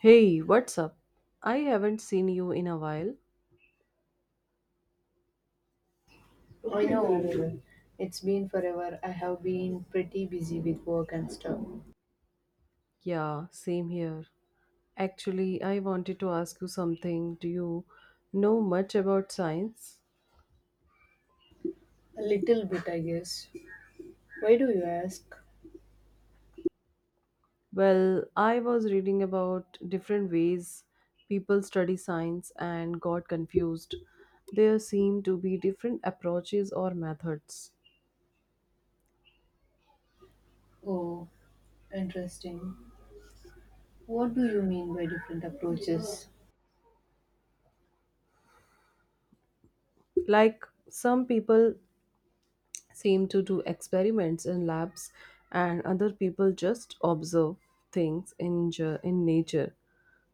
Hey, what's up? I haven't seen you in a while. I know it's been forever. I have been pretty busy with work and stuff. Yeah, same here. Actually, I wanted to ask you something. Do you know much about science? A little bit, I guess. Why do you ask? Well, I was reading about different ways people study science and got confused. There seem to be different approaches or methods. Oh, interesting. What do you mean by different approaches? Like some people seem to do experiments in labs and other people just observe things in, in nature.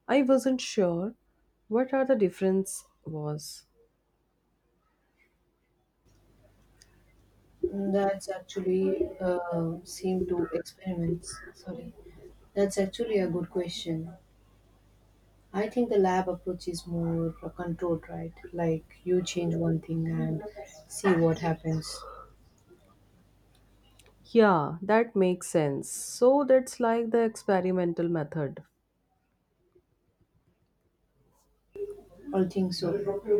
I wasn't sure what are the difference was. That's actually seem to experiments. Sorry. That's actually a good question. I think the lab approach is more controlled, right? Like you change one thing and see what happens. Yeah, that makes sense. So that's like the experimental method. I think so.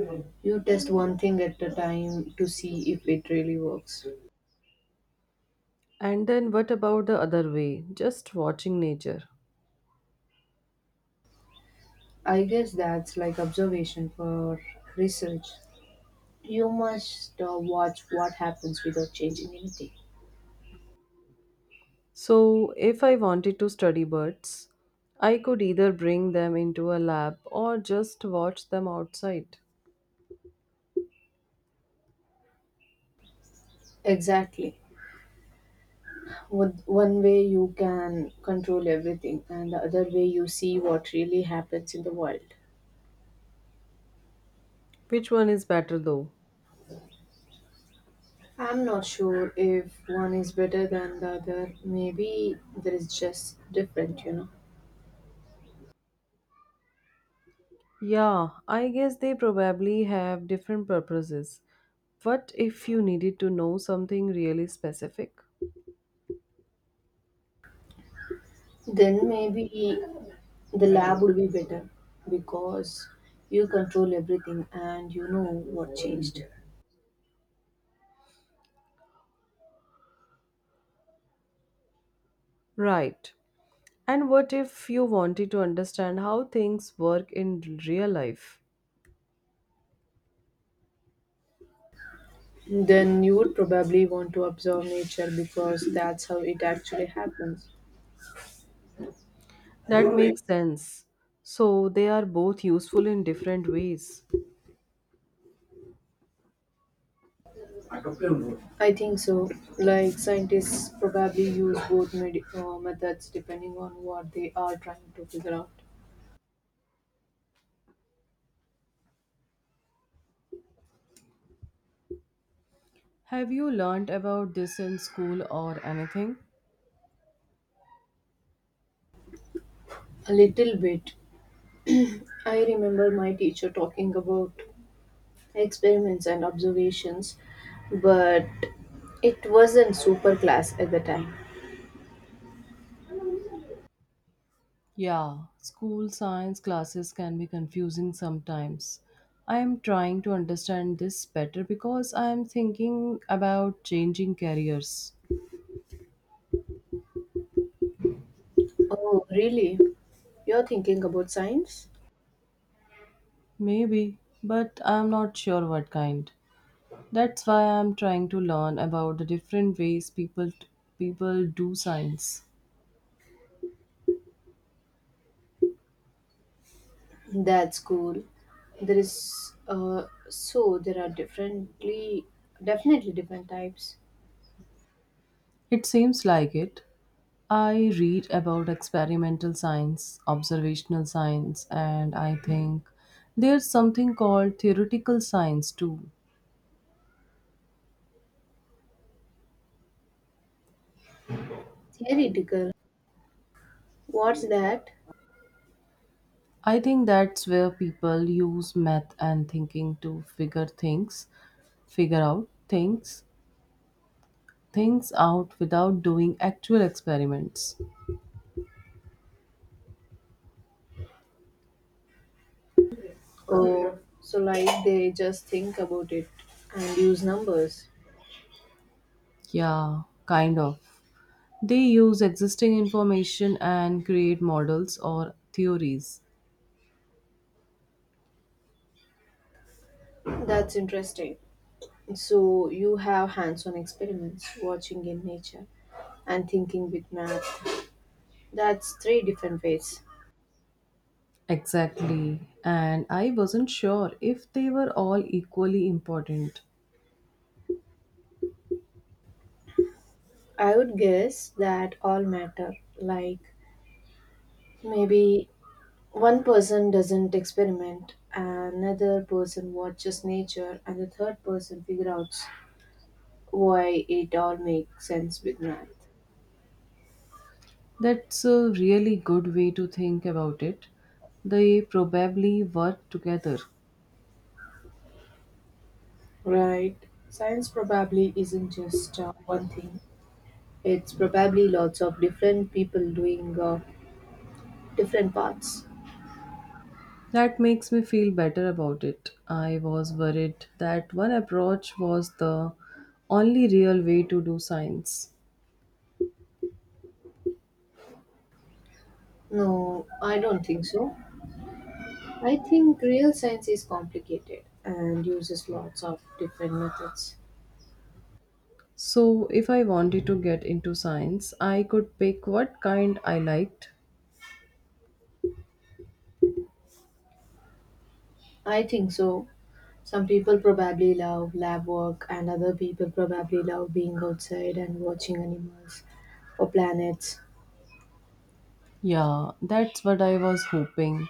You test one thing at a time to see if it really works. And then what about the other way? Just watching nature. I guess that's like observation for research. You must watch what happens without changing anything. So if I wanted to study birds, I could either bring them into a lab or just watch them outside. Exactly. One way you can control everything, and the other way you see what really happens in the world. Which one is better though? I'm not sure if one is better than the other. Maybe there is just different. Yeah, I guess they probably have different purposes. What if you needed to know something really specific? Then maybe the lab would be better because you control everything and you know what changed. Right. And what if you wanted to understand how things work in real life? Then you would probably want to observe nature because that's how it actually happens. That makes sense. So they are both useful in different ways. I think so. Like scientists probably use both methods depending on what they are trying to figure out. Have you learned about this in school or anything? A little bit. I remember my teacher talking about experiments and observations, but it wasn't super class at the time. Yeah, school science classes can be confusing sometimes. I am trying to understand this better because I am thinking about changing careers. Oh, really? You're thinking about science? Maybe, but I am not sure what kind. That's why I'm trying to learn about the different ways people do science. That's cool. There is so there are differently definitely different types. It seems like it. I read about experimental science, observational science, and I think there's something called theoretical science too. Theoretical. What's that? I think that's where people use math and thinking to figure out things out without doing actual experiments. Oh, so like they just think about it and use numbers. Yeah, kind of. They use existing information and create models or theories. That's interesting. So you have hands-on experiments, watching in nature, and thinking with math. That's three different ways. Exactly. And I wasn't sure if they were all equally important. I would guess that all matter. Like maybe one person doesn't experiment, another person watches nature, and the third person figures out why it all makes sense with math. That's a really good way to think about it. They probably work together. Right. Science probably isn't just one thing, it's probably lots of different people doing different parts. That makes me feel better about it. I was worried that one approach was the only real way to do science. No, I don't think so. I think real science is complicated and uses lots of different methods. So, if I wanted to get into science, I could pick what kind I liked. I think so. Some people probably love lab work, and other people probably love being outside and watching animals or planets. Yeah, that's what I was hoping.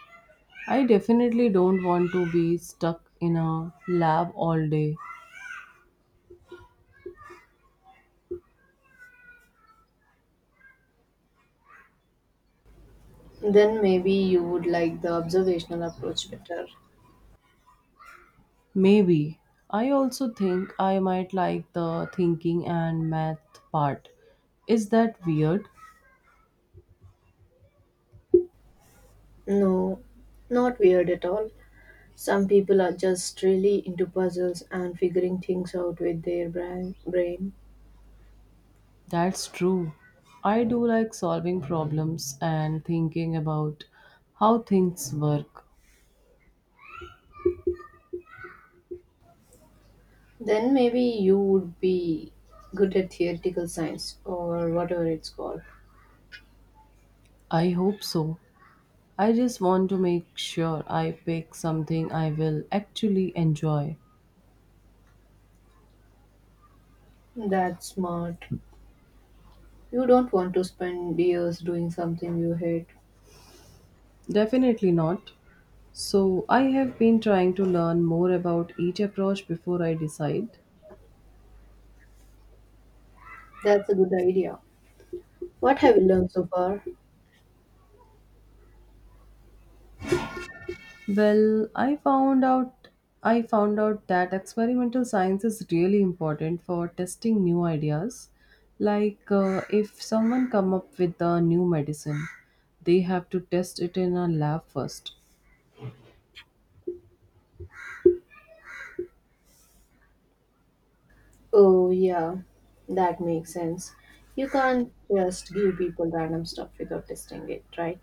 I definitely don't want to be stuck in a lab all day. Then maybe you would like the observational approach better. Maybe. I also think I might like the thinking and math part. Is that weird? No, not weird at all. Some people are just really into puzzles and figuring things out with their brain. That's true. I do like solving problems and thinking about how things work. Then maybe you would be good at theoretical science or whatever it's called. I hope so. I just want to make sure I pick something I will actually enjoy. That's smart. You don't want to spend years doing something you hate. Definitely not. So, I have been trying to learn more about each approach before I decide. That's a good idea. What have you learned so far? Well, I found out that experimental science is really important for testing new ideas. Like if someone come up with a new medicine, they have to test it in a lab first. Oh, yeah, that makes sense. You can't just give people random stuff without testing it, right?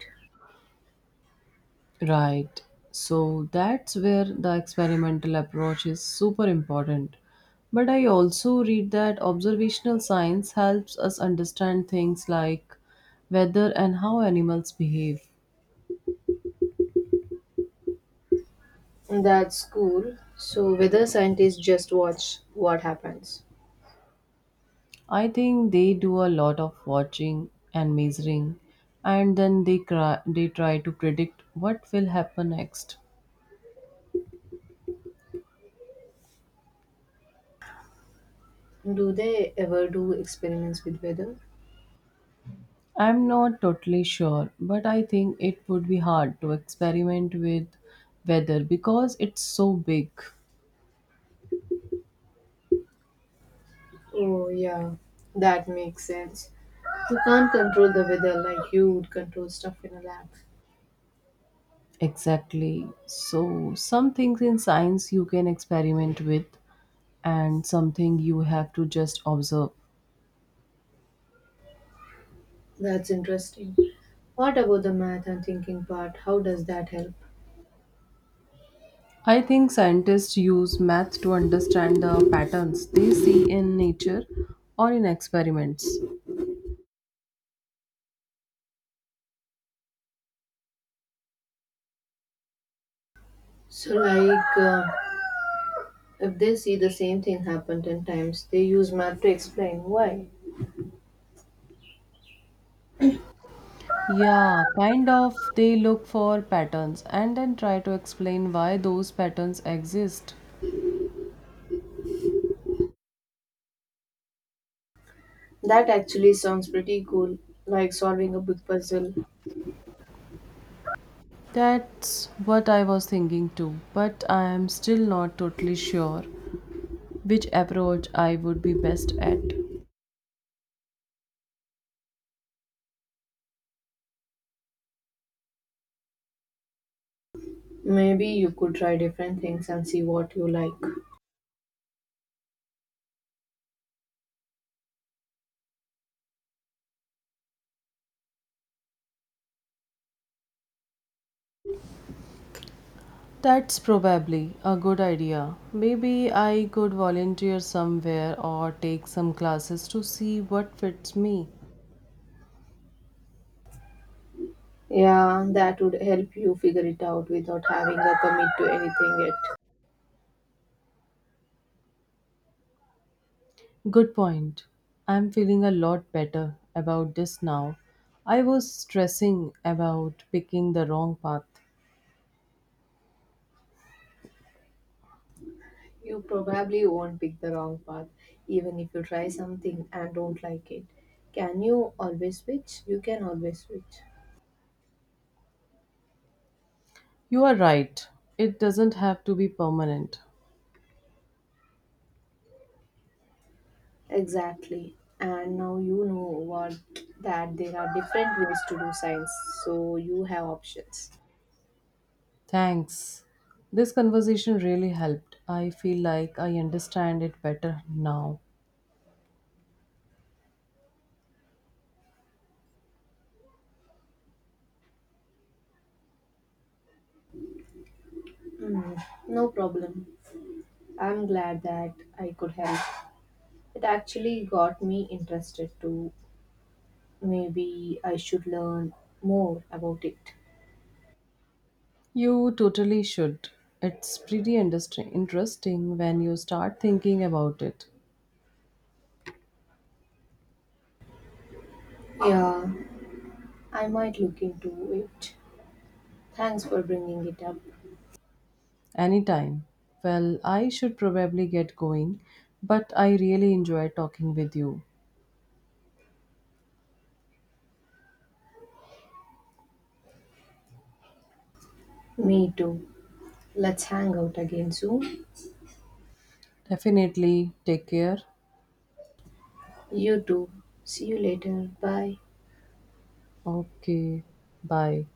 Right. So that's where the experimental approach is super important. But I also read that observational science helps us understand things like weather and how animals behave. That's cool. So, weather scientists just watch what happens. I think they do a lot of watching and measuring and then they try to predict what will happen next. Do they ever do experiments with weather? I'm not totally sure, but I think it would be hard to experiment with weather because it's so big. Oh, yeah, that makes sense. You can't control the weather like you would control stuff in a lab. Exactly. So, some things in science you can experiment with, and something you have to just observe. That's interesting. What about the math and thinking part? How does that help? I think scientists use math to understand the patterns they see in nature or in experiments. So, like, if they see the same thing happen 10 times, they use math to explain why. Yeah, kind of they look for patterns and then try to explain why those patterns exist. That actually sounds pretty cool, like solving a big puzzle. That's what I was thinking too, but I am still not totally sure which approach I would be best at. Maybe you could try different things and see what you like. That's probably a good idea. Maybe I could volunteer somewhere or take some classes to see what fits me. Yeah, that would help you figure it out without having a commit to anything yet. Good point. I'm feeling a lot better about this now. I was stressing about picking the wrong path. You probably won't pick the wrong path, even if you try something and don't like it. Can you always switch? You can always switch. You are right. It doesn't have to be permanent. Exactly. And now you know what that there are different ways to do science, so you have options. Thanks. This conversation really helped. I feel like I understand it better now. No problem. I'm glad that I could help. It actually got me interested too. Maybe I should learn more about it. You totally should. It's pretty interesting when you start thinking about it. Yeah, I might look into it. Thanks for bringing it up. Anytime. Well, I should probably get going, but I really enjoy talking with you. Me too. Let's hang out again soon. Definitely. Take care. You too. See you later. Bye. Okay. Bye.